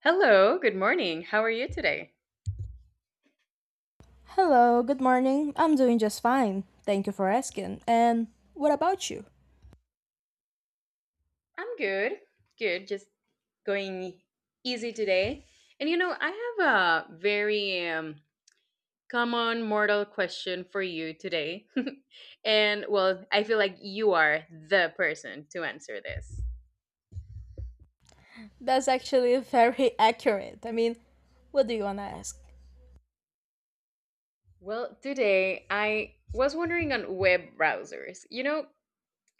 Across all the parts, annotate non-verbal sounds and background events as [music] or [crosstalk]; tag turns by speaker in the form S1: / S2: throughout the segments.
S1: Hello, good morning. How are you today?
S2: Hello, good morning. I'm doing just fine. Thank you for asking. And what about you?
S1: I'm good. Good. Just going easy today. And you know, I have a very common mortal question for you today. [laughs] And well, I feel like you are the person to answer this.
S2: That's actually very [laughs] accurate. I mean, what do you want to ask?
S1: Well, today I was wondering on web browsers. You know,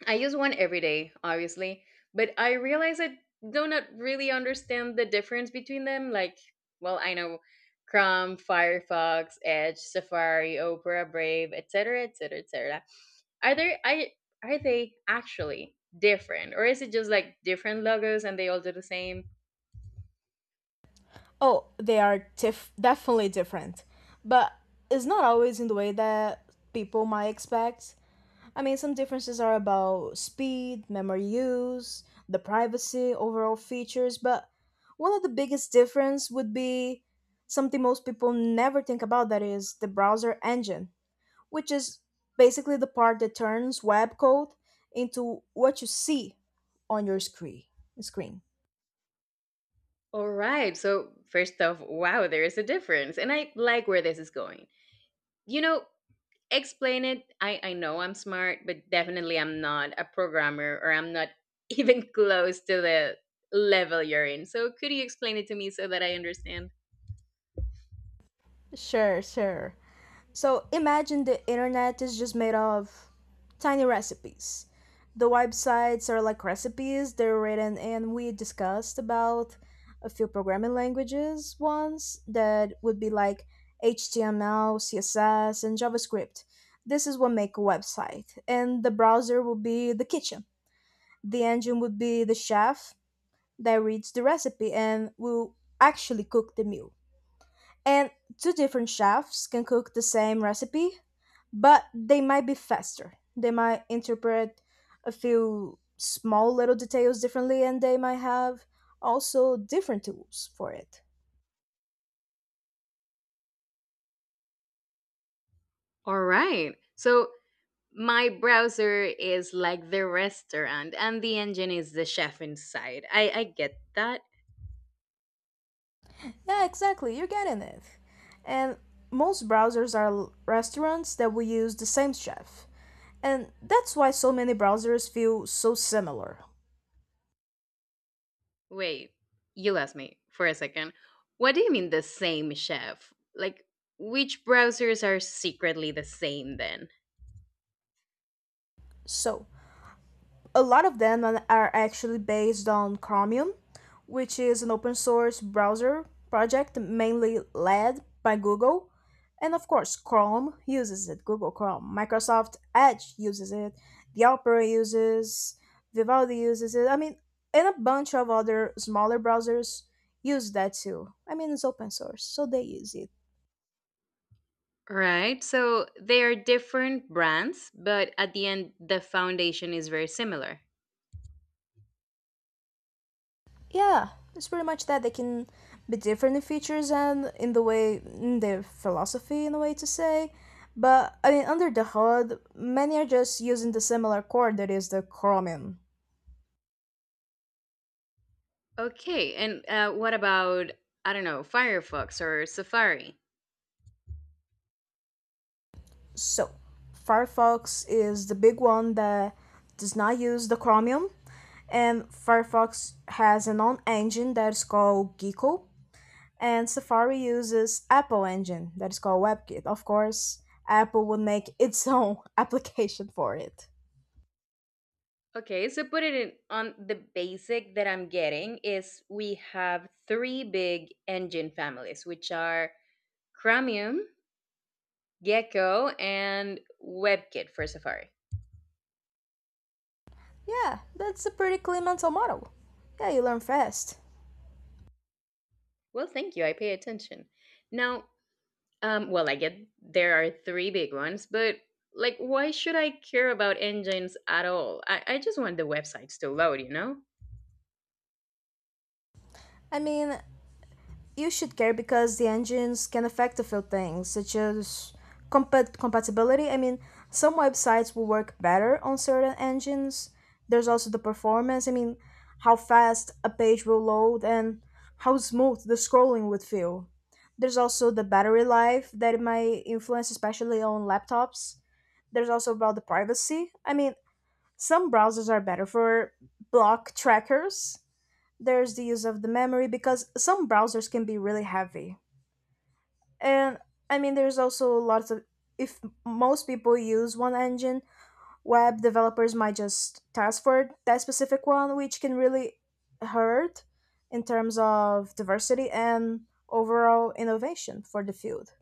S1: I use one every day, obviously, but I realize I do not really understand the difference between them. Like, well, I know Chrome, Firefox, Edge, Safari, Opera, Brave, etc., etc., etc. Are there I Are they actually different, or is it just like different logos and they all do the same?
S2: Oh, they are definitely different. But it's not always in the way that people might expect. I mean, some differences are about speed, memory use, the privacy, overall features, but one of the biggest difference would be something most people never think about that is the browser engine. Which is basically the part that turns web code into what you see on your screen.
S1: All right. So first off, wow, there is a difference, and I like where this is going. You know, explain it. I know I'm smart, but definitely I'm not a programmer, or I'm not [laughs] even close to the level you're in, so could you explain it to me so that I understand.
S2: Sure, sure. So imagine the internet is just made of tiny recipes. The websites are like recipes, they're written, and we discussed about a few programming languages once that would be like HTML, CSS, and JavaScript. This is what make a website, and the browser will be the kitchen. The engine would be the chef that reads the recipe and will actually cook the meal. And two different chefs can cook the same recipe, but they might be faster. They might interpret a few small little details differently, and they might have also different tools for it.
S1: All right, so my browser is like the restaurant and the engine is the chef inside, I get that.
S2: Yeah, exactly. You're getting it. And most browsers are restaurants that will use the same chef. And that's why so many browsers feel so similar.
S1: Wait, you lost me for a second. What do you mean the same chef? Like, which browsers are secretly the same then?
S2: So, a lot of them are actually based on Chromium, which is an open source browser project mainly led by Google. And of course, Chrome uses it, Google Chrome. Microsoft Edge uses it, the Opera uses, Vivaldi uses it. I mean, and a bunch of other smaller browsers use that too. I mean, it's open source, so they use it.
S1: Right. So they are different brands, but at the end, the foundation is very similar.
S2: Yeah, it's pretty much that they can be different in features and in the way in their philosophy in a way to say. But I mean under the hood, many are just using the similar core that is the Chromium.
S1: Okay. And what about, I don't know, Firefox or Safari?
S2: So Firefox is the big one that does not use the Chromium, and Firefox has an own engine that is called Gecko, and Safari uses Apple engine that is called WebKit. Of course, Apple would make its [laughs] own application for it.
S1: Okay. So put it in on the basic that I'm getting is we have three big engine families, which are Chromium, Gecko, and WebKit for Safari.
S2: Yeah, that's a pretty clean mental model. Yeah, you learn fast.
S1: Well, thank you. I pay attention. Now, well, I get there are three big ones, but like, why should I care about engines at all? I just want the websites to load, you know?
S2: I mean, you should care because the engines can affect a few things, such as compatibility. I mean, some websites will work better on certain engines. There's also the performance. I mean, how fast a page will load and how smooth the scrolling would feel. There's also the battery life that it might influence, especially on laptops. There's also about the privacy. I mean, some browsers are better for block trackers. There's the use of the memory because some browsers can be really heavy. And I mean, there's also lots of, if most people use one engine, web developers might just task for that specific one, which can really hurt in terms of diversity and overall innovation for the field.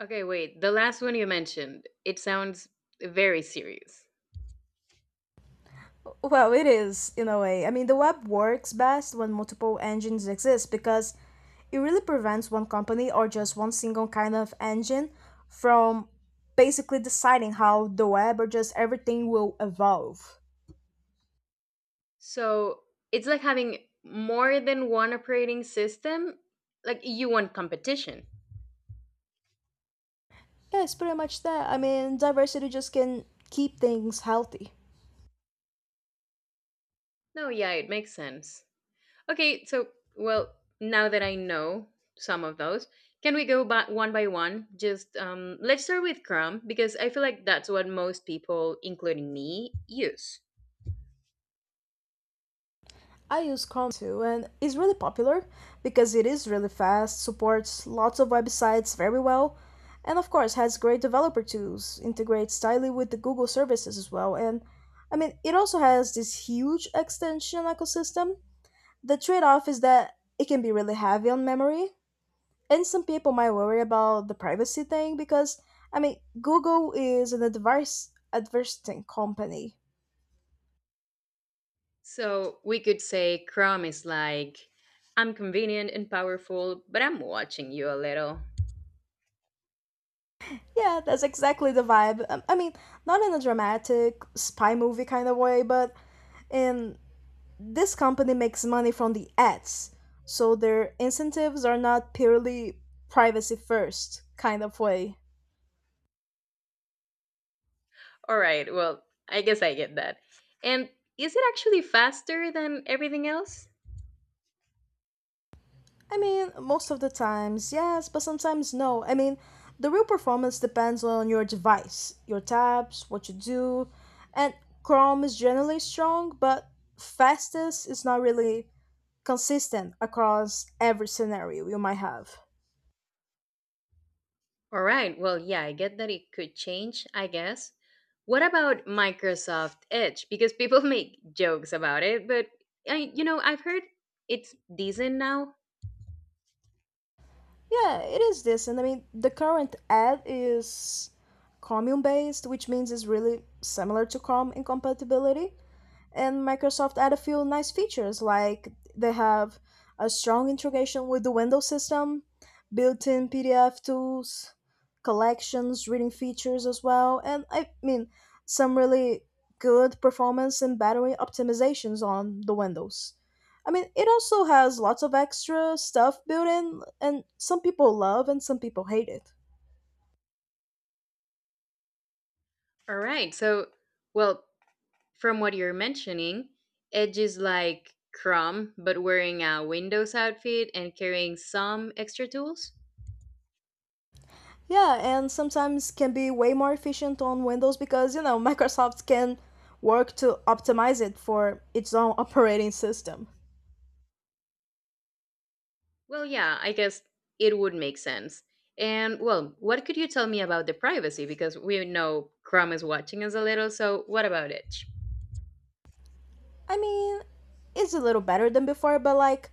S1: Okay, wait, the last one you mentioned, it sounds very serious.
S2: Well, it is, in a way. I mean, the web works best when multiple engines exist because it really prevents one company or just one single kind of engine from basically deciding how the web or just everything will evolve.
S1: So it's like having more than one operating system? Like, you want competition?
S2: Yeah, it's pretty much that. I mean, diversity just can keep things healthy.
S1: No, yeah, it makes sense. Okay, so well, now that I know some of those, can we go back one by one? Just let's start with Chrome because I feel like that's what most people, including me, use.
S2: I use Chrome too, and it's really popular because it is really fast, supports lots of websites very well, and of course has great developer tools, integrates tightly with the Google services as well. And I mean, it also has this huge extension ecosystem. The trade off is that it can be really heavy on memory, and some people might worry about the privacy thing because I mean, Google is an advice advertising company.
S1: So we could say Chrome is like, I'm convenient and powerful, but I'm watching you a little.
S2: Yeah, that's exactly the vibe. I mean, not in a dramatic spy movie kind of way, but in this company makes money from the ads. So their incentives are not purely privacy first kind of way.
S1: All right, well, I guess I get that. And is it actually faster than everything else?
S2: I mean, most of the times, yes, but sometimes no. I mean, the real performance depends on your device, your tabs, what you do, and Chrome is generally strong, but fastest is not really consistent across every scenario you might have.
S1: All right. Well, yeah, I get that it could change, I guess. What about Microsoft Edge? Because people [laughs] make jokes about it, but I've heard it's decent now.
S2: Yeah, it is this, and I mean the current ad is Chromium based, which means it's really similar to Chrome in compatibility. And Microsoft add a few nice features, like they have a strong integration with the Windows system, built-in PDF tools, collections, reading features as well, and I mean some really good performance and battery optimizations on the Windows. I mean, it also has lots of extra stuff built in, and some people love and some people hate it.
S1: All right. So, well, from what you're mentioning, Edge is like Chrome but wearing a Windows outfit and carrying some extra tools?
S2: Yeah, and sometimes can be way more efficient on Windows because, you know, [laughs] Microsoft can work to optimize it for its own [laughs] operating system.
S1: Well, yeah, I guess it would make sense. And well, what could you tell me about the privacy, because we know Chrome is watching us a little, so what about Edge?
S2: I mean, it's a little better than before, but like,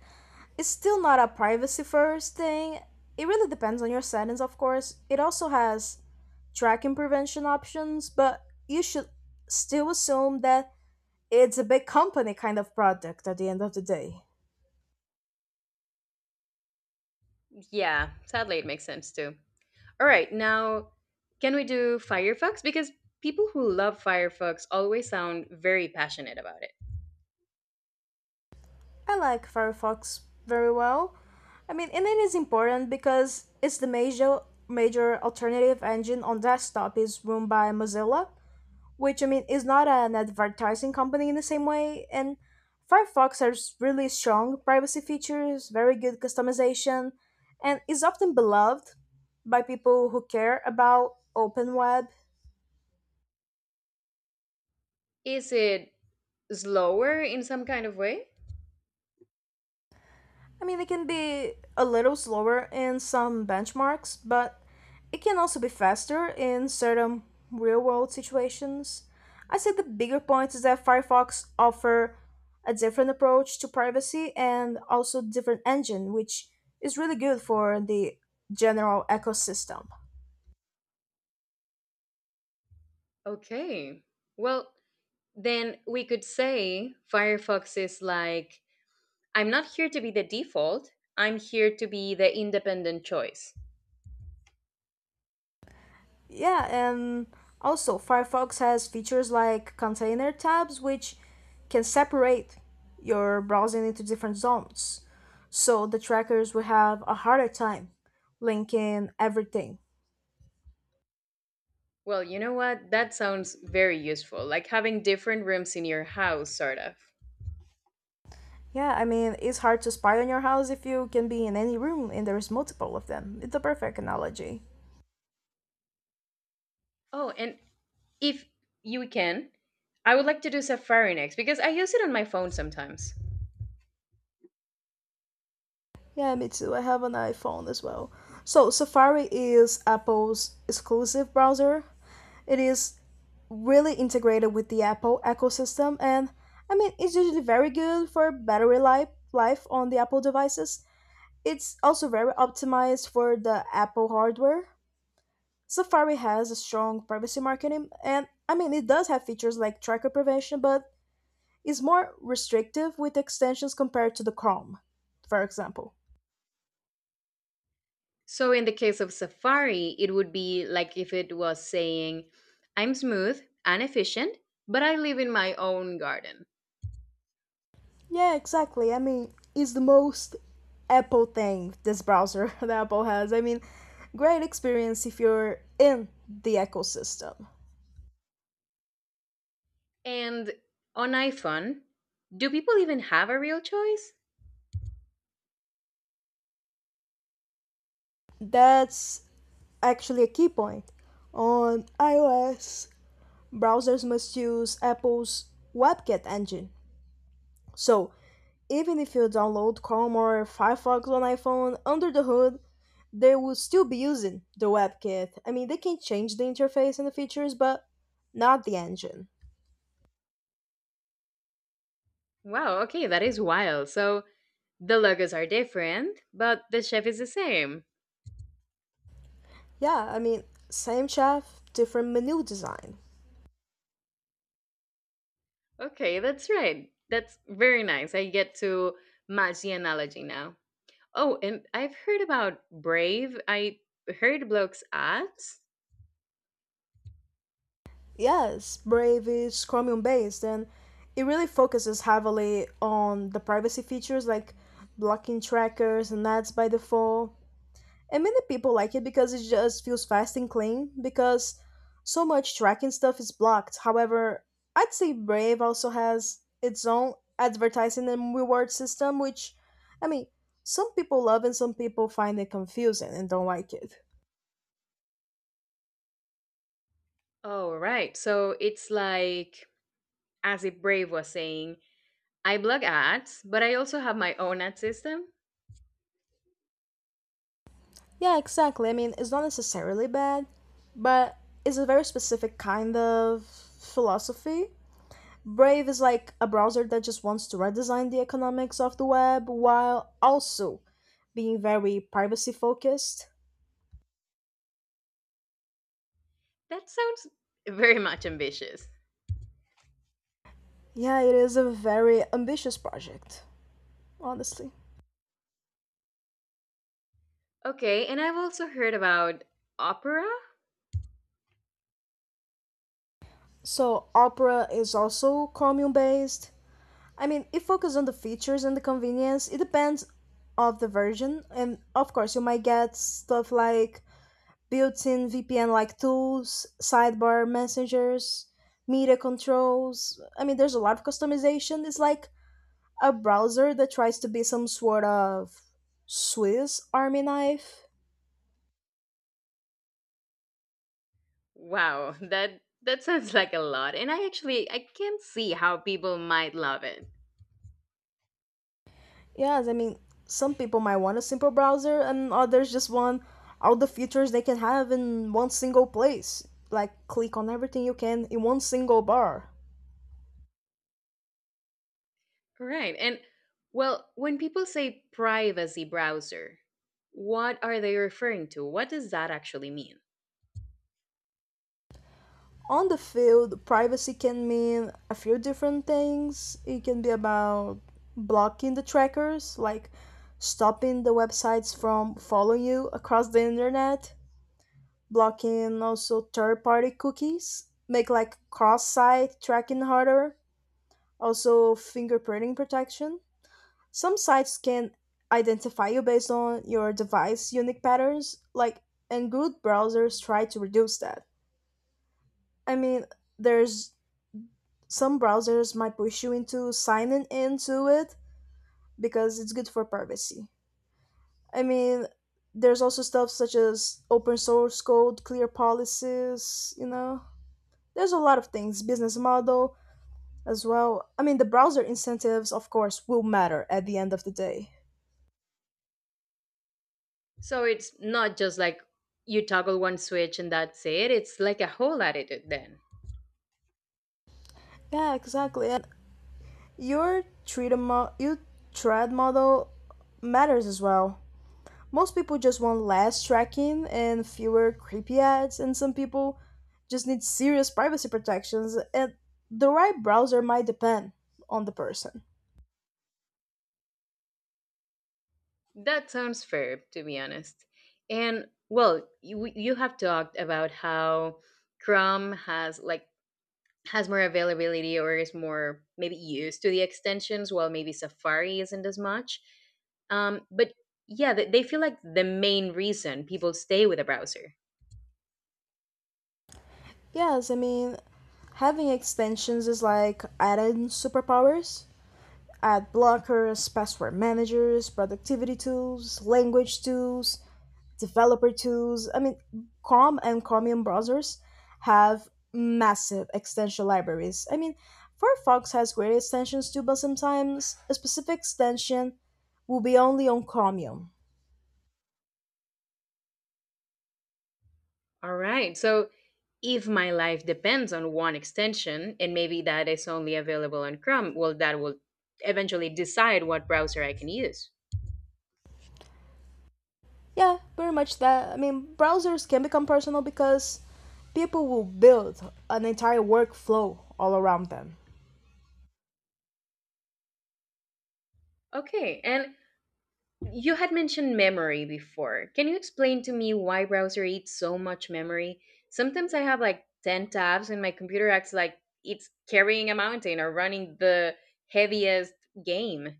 S2: it's still not a privacy first thing. It really depends on your settings, of course. It also has tracking prevention options, but you should still assume that it's a big company kind of product at the end of the day.
S1: Yeah, sadly, it makes sense too. All right, now can we do Firefox? Because people who love Firefox always sound very passionate about it.
S2: I like Firefox very well. I mean, and it is important because it's the major alternative engine on desktop is run by Mozilla, which I mean is not an advertising company in the same way. And Firefox has really strong privacy features, very good customization, and is often beloved by people who care about open web.
S1: Is it slower in some kind of way?
S2: I mean, it can be a little slower in some benchmarks, but it can also be faster in certain real world situations. I say the bigger point is that Firefox offer a different approach to privacy and also different engine, which is really good for the general ecosystem.
S1: Okay. Well, then we could say Firefox is like, I'm not here to be the default, I'm here to be the independent choice.
S2: Yeah, and also Firefox has features like container tabs, which can separate your browsing into different zones. So the trackers will have a harder time linking everything.
S1: Well, you know what? That sounds very useful, like having different rooms in your house, sort of.
S2: Yeah, I mean, it's hard to spy on your house if you can be in any room and there's multiple of them. It's a perfect analogy.
S1: Oh, and if you can, I would like to do Safari next because I use it on my phone sometimes.
S2: Yeah, me too. I have an iPhone as well. So, Safari is Apple's exclusive browser. It is really integrated with the Apple ecosystem, and I mean, it's usually very good for battery life on the Apple devices. It's also very optimized for the Apple hardware. Safari has a strong privacy marketing, and I mean, it does have features like tracker prevention, but is more restrictive with extensions compared to the Chrome, for example.
S1: So, in the case of Safari, it would be like if it was saying, I'm smooth and efficient, but I live in my own garden.
S2: Yeah, exactly. I mean, it's the most Apple thing, this browser [laughs] that Apple has. I mean, great experience if you're in the ecosystem.
S1: And on iPhone, do people even have a real choice?
S2: That's actually a key point. On iOS, browsers must use Apple's WebKit engine. So, even if you download Chrome or Firefox on iPhone under the hood, they will still be using the WebKit. I mean, they can change the interface and the features, but not the engine.
S1: Wow, okay, that is wild. So, the logos are different, but the chef is the same.
S2: Yeah, I mean, same chef, different menu design.
S1: Okay, that's right. That's very nice. I get to match the analogy now. Oh, and I've heard about Brave. I heard Bloke's ads.
S2: Yes, Brave is Chromium based and it really focuses heavily on the privacy features like blocking trackers and ads by default. And many people like it because it just feels fast and clean because so much tracking stuff is blocked. However, I'd say Brave also has its own advertising and reward system, which, I mean, some people love and some people find it confusing and don't like it.
S1: Oh, right. So it's like, as if Brave was saying, I blog ads, but I also have my own ad system.
S2: Yeah, exactly. I mean, it's not necessarily bad, but it's a very specific kind of philosophy. Brave is like a browser that just wants to redesign the economics of the web while also being very privacy focused.
S1: That sounds very much ambitious.
S2: Yeah, it is a very ambitious project, honestly.
S1: Okay, and I've also heard about Opera.
S2: So, Opera is also Chromium based. I mean, it focuses on the features and the convenience. It depends of the version, and of course, you might get stuff like built-in VPN-like tools, sidebar messengers, media controls. I mean, there's a lot of customization. It's like a browser that tries to be some sort of Swiss Army knife.
S1: Wow, that that sounds like a lot. And I actually I can see how people might love it.
S2: Yes, I mean, some people might want a simple browser, and others just want all the features they can have in one single place. Like, click on everything you can in one single bar.
S1: Right. And well, when people say privacy browser, what are they referring to? What does that actually mean?
S2: On the field, privacy can mean a few different things. It can be about blocking the trackers, like stopping the websites from following you across the internet, blocking also third party cookies, make like cross site tracking harder, also fingerprinting protection. Some sites can identify you based on your device unique patterns, like and good browsers try to reduce that. I mean, there's some browsers might push you into signing into it because it's good for privacy. I mean, there's also stuff such as open source code, clear policies, you know. There's a lot of things, business model as well. I mean, the browser incentives, of course, will matter at the end of the day.
S1: So it's not just like you toggle one switch and that's it. It's like a whole attitude then.
S2: Yeah, exactly. And your your thread model matters as well. Most people just want less tracking and fewer creepy ads, and some people just need serious privacy protections, and the right browser might depend on the person.
S1: That sounds fair, to be honest. And well, you have talked about how Chrome has more availability or is more maybe used to the extensions, while maybe Safari isn't as much, but yeah, they feel like the main reason people stay with a browser.
S2: Yes, I mean, having extensions is like adding superpowers. Ad blockers, password managers, productivity tools, language tools, developer tools. I mean, Chrome and Chromium browsers have massive extension libraries. I mean, Firefox has great extensions too, but sometimes a specific extension will be only on Chromium.
S1: All right, so if my life depends on one extension and maybe that is only available on Chrome, well, that will eventually decide what browser I can use.
S2: Yeah, pretty much that. I mean, browsers can become personal because people will build an entire workflow all around them.
S1: Okay, and yeah. You had mentioned memory before. Can you explain to me why browser eats so much memory? Sometimes I have like 10 tabs and my computer acts like it's carrying a mountain or running the heaviest game.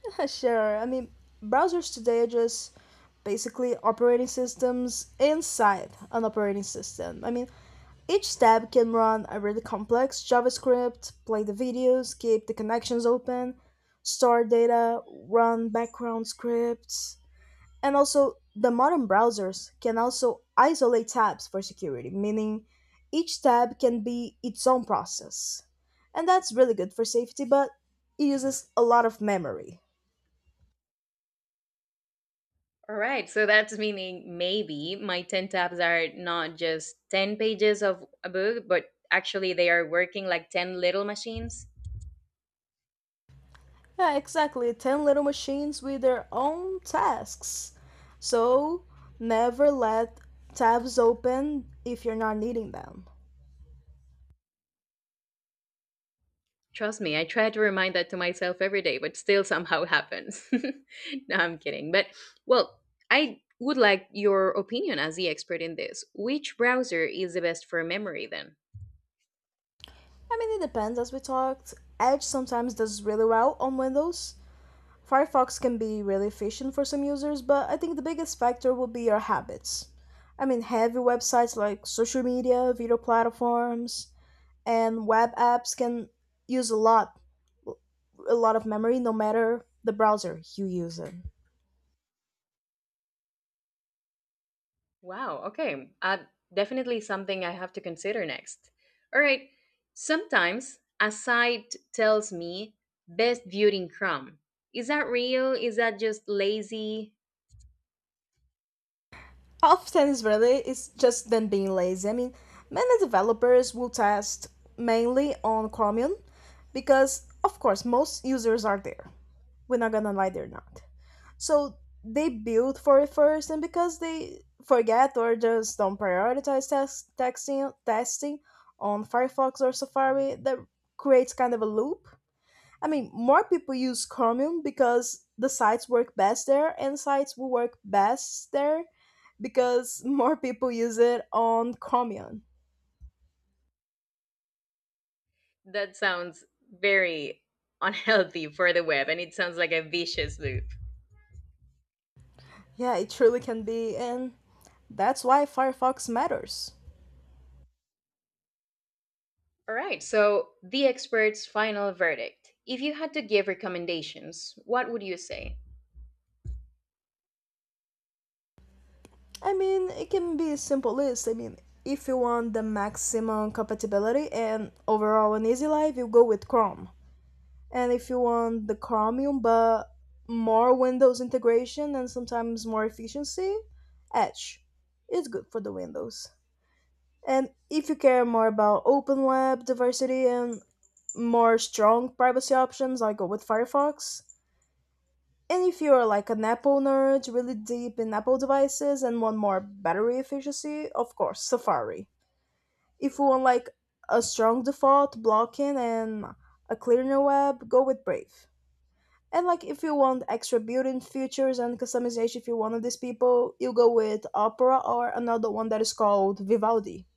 S2: [laughs] Sure. I mean, browsers today are just basically operating systems inside an operating system. I mean, each tab can run a really complex JavaScript, play the videos, keep the connections open, store data, run background scripts. And also, the modern browsers can also isolate tabs for security, meaning each tab can be its own process. And that's really good for safety, but it uses a lot of memory.
S1: All right, so that's meaning maybe my 10 tabs are not just 10 pages of a book, but actually they are working like 10 little machines.
S2: Yeah, exactly. 10 little machines with their own tasks. So, never let tabs open if you're not needing them.
S1: Trust me, I try to remind that to myself every day, but still somehow happens. [laughs] No, I'm kidding. But, well, I would like your opinion as the expert in this. Which browser is the best for memory then?
S2: I mean, it depends, as we talked. Edge sometimes does really well on Windows. Firefox can be really efficient for some users, but I think the biggest factor will be your habits. I mean, heavy websites like social media, video platforms, and web apps can use a lot of memory, no matter the browser you use in.
S1: Wow, okay. Definitely something I have to consider next. All right. Sometimes a site tells me best viewed in Chrome. Is that real? Is that just lazy?
S2: Often really it's just them being lazy. I mean, many developers will test mainly on Chromium because, of course, most users are there. We're not gonna lie, they're not. So they build for it first, and because they forget or just don't prioritize testing on Firefox or Safari, that creates kind of a loop. I mean, more people use Chromium because the sites work best there, and sites will work best there because [laughs] more people use it on Chromium.
S1: That sounds very unhealthy for the web and it sounds like a vicious loop.
S2: Yeah, it truly can be, and that's why Firefox matters.
S1: All right, so the expert's final verdict. If you had to give recommendations, what would you say?
S2: I mean, it can be a simple list. I mean, if you want the maximum compatibility and overall an easy life, you go with Chrome. And if you want the Chromium but more Windows integration and sometimes more efficiency, Edge is good for the Windows. And if you care more about open lab diversity and more strong privacy options, I go with Firefox. And if you're like an Apple nerd really deep in Apple devices and want more battery efficiency, of course Safari. If you want like a strong default blocking and a cleaner web, go with Brave. And like if you want extra built-in features and customization, if you're one of these people, you go with Opera or another one that is called Vivaldi.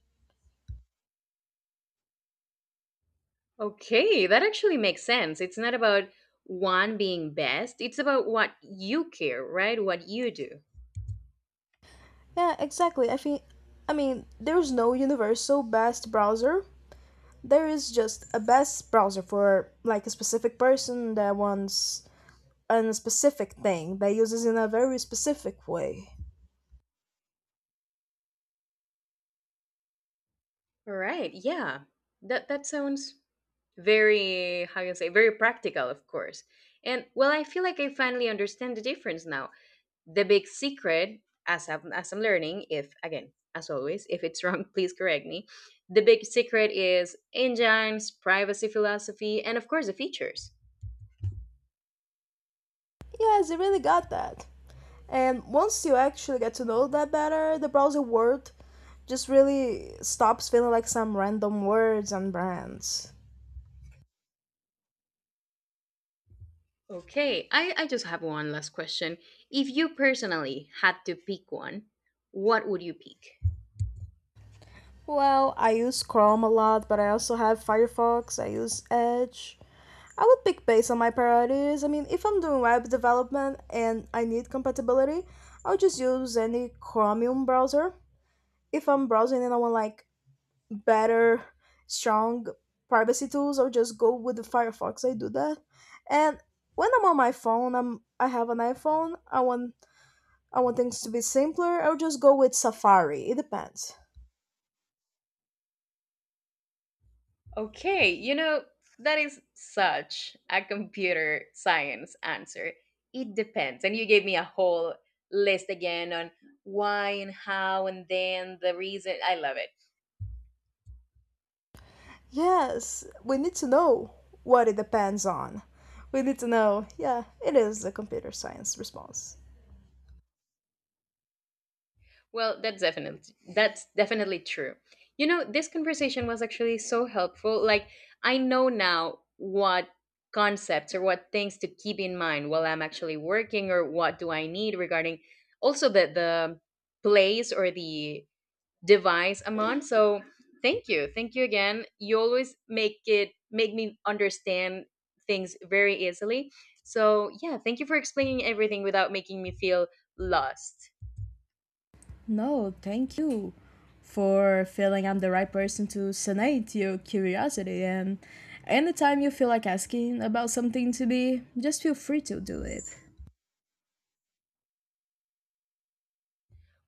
S1: Okay, that actually makes sense. It's not about one being best, it's about what you care, right? What you do.
S2: Yeah, exactly. I think, I mean, there's no universal best browser. There is just a best browser for like a specific person that wants a specific thing that uses in a very specific way.
S1: All right, yeah. That that sounds very how you say, very practical, of course. And well, I feel like I finally understand the difference now. The big secret, as I'm learning, if again, as always, if it's wrong, [laughs] please correct me, the big secret is engines, privacy philosophy, and of course the features.
S2: Yes, it really got that. And once you actually get to know that better, the browser word just really stops feeling like some random words and brands.
S1: Okay, I just have one last question. If you personally had to pick one, what would you pick?
S2: Well, I use Chrome a lot, but I also have Firefox, I use Edge. I would pick based on my priorities. I mean, if I'm doing web development and I need compatibility, I'll just use any Chromium browser. If I'm browsing and I want like better, strong privacy tools, I'll just go with the Firefox. I do that. And when I'm on my phone, I have an iPhone, I want things to be simpler, I'll just go with Safari. It depends.
S1: Okay, you know, that is such a computer science answer. It depends, and you gave me a whole list again on why and how, and then the reason I love it.
S2: Yes, we need to know what it depends on. We need to know. Yeah, it is the computer science response.
S1: Well, that's definitely, that's definitely true. You know, this conversation was actually so helpful. Like, I know now what concepts or what things to keep in mind while I'm actually working, or what do I need regarding also the place or the device I'm on. So thank you. Thank you again. You always make it make me understand things very easily. So yeah, thank you for explaining everything without making me feel lost.
S2: No, thank you for feeling I'm the right person to sanate your curiosity. And anytime you feel like asking about something to me, just feel free to do it.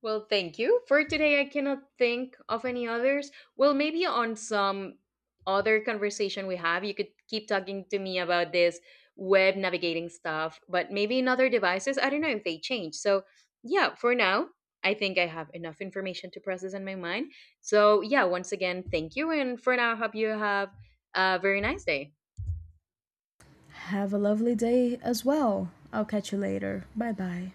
S1: Well, thank you. For today, I cannot think of any others. Well, maybe on some other conversation we have, you could keep talking to me about this web navigating stuff, but maybe in other devices, I don't know if they change. So, yeah, for now, I think I have enough information to process in my mind. So, yeah, once again, thank you. And for now, I hope you have a very nice day.
S2: Have a lovely day as well. I'll catch you later. Bye bye.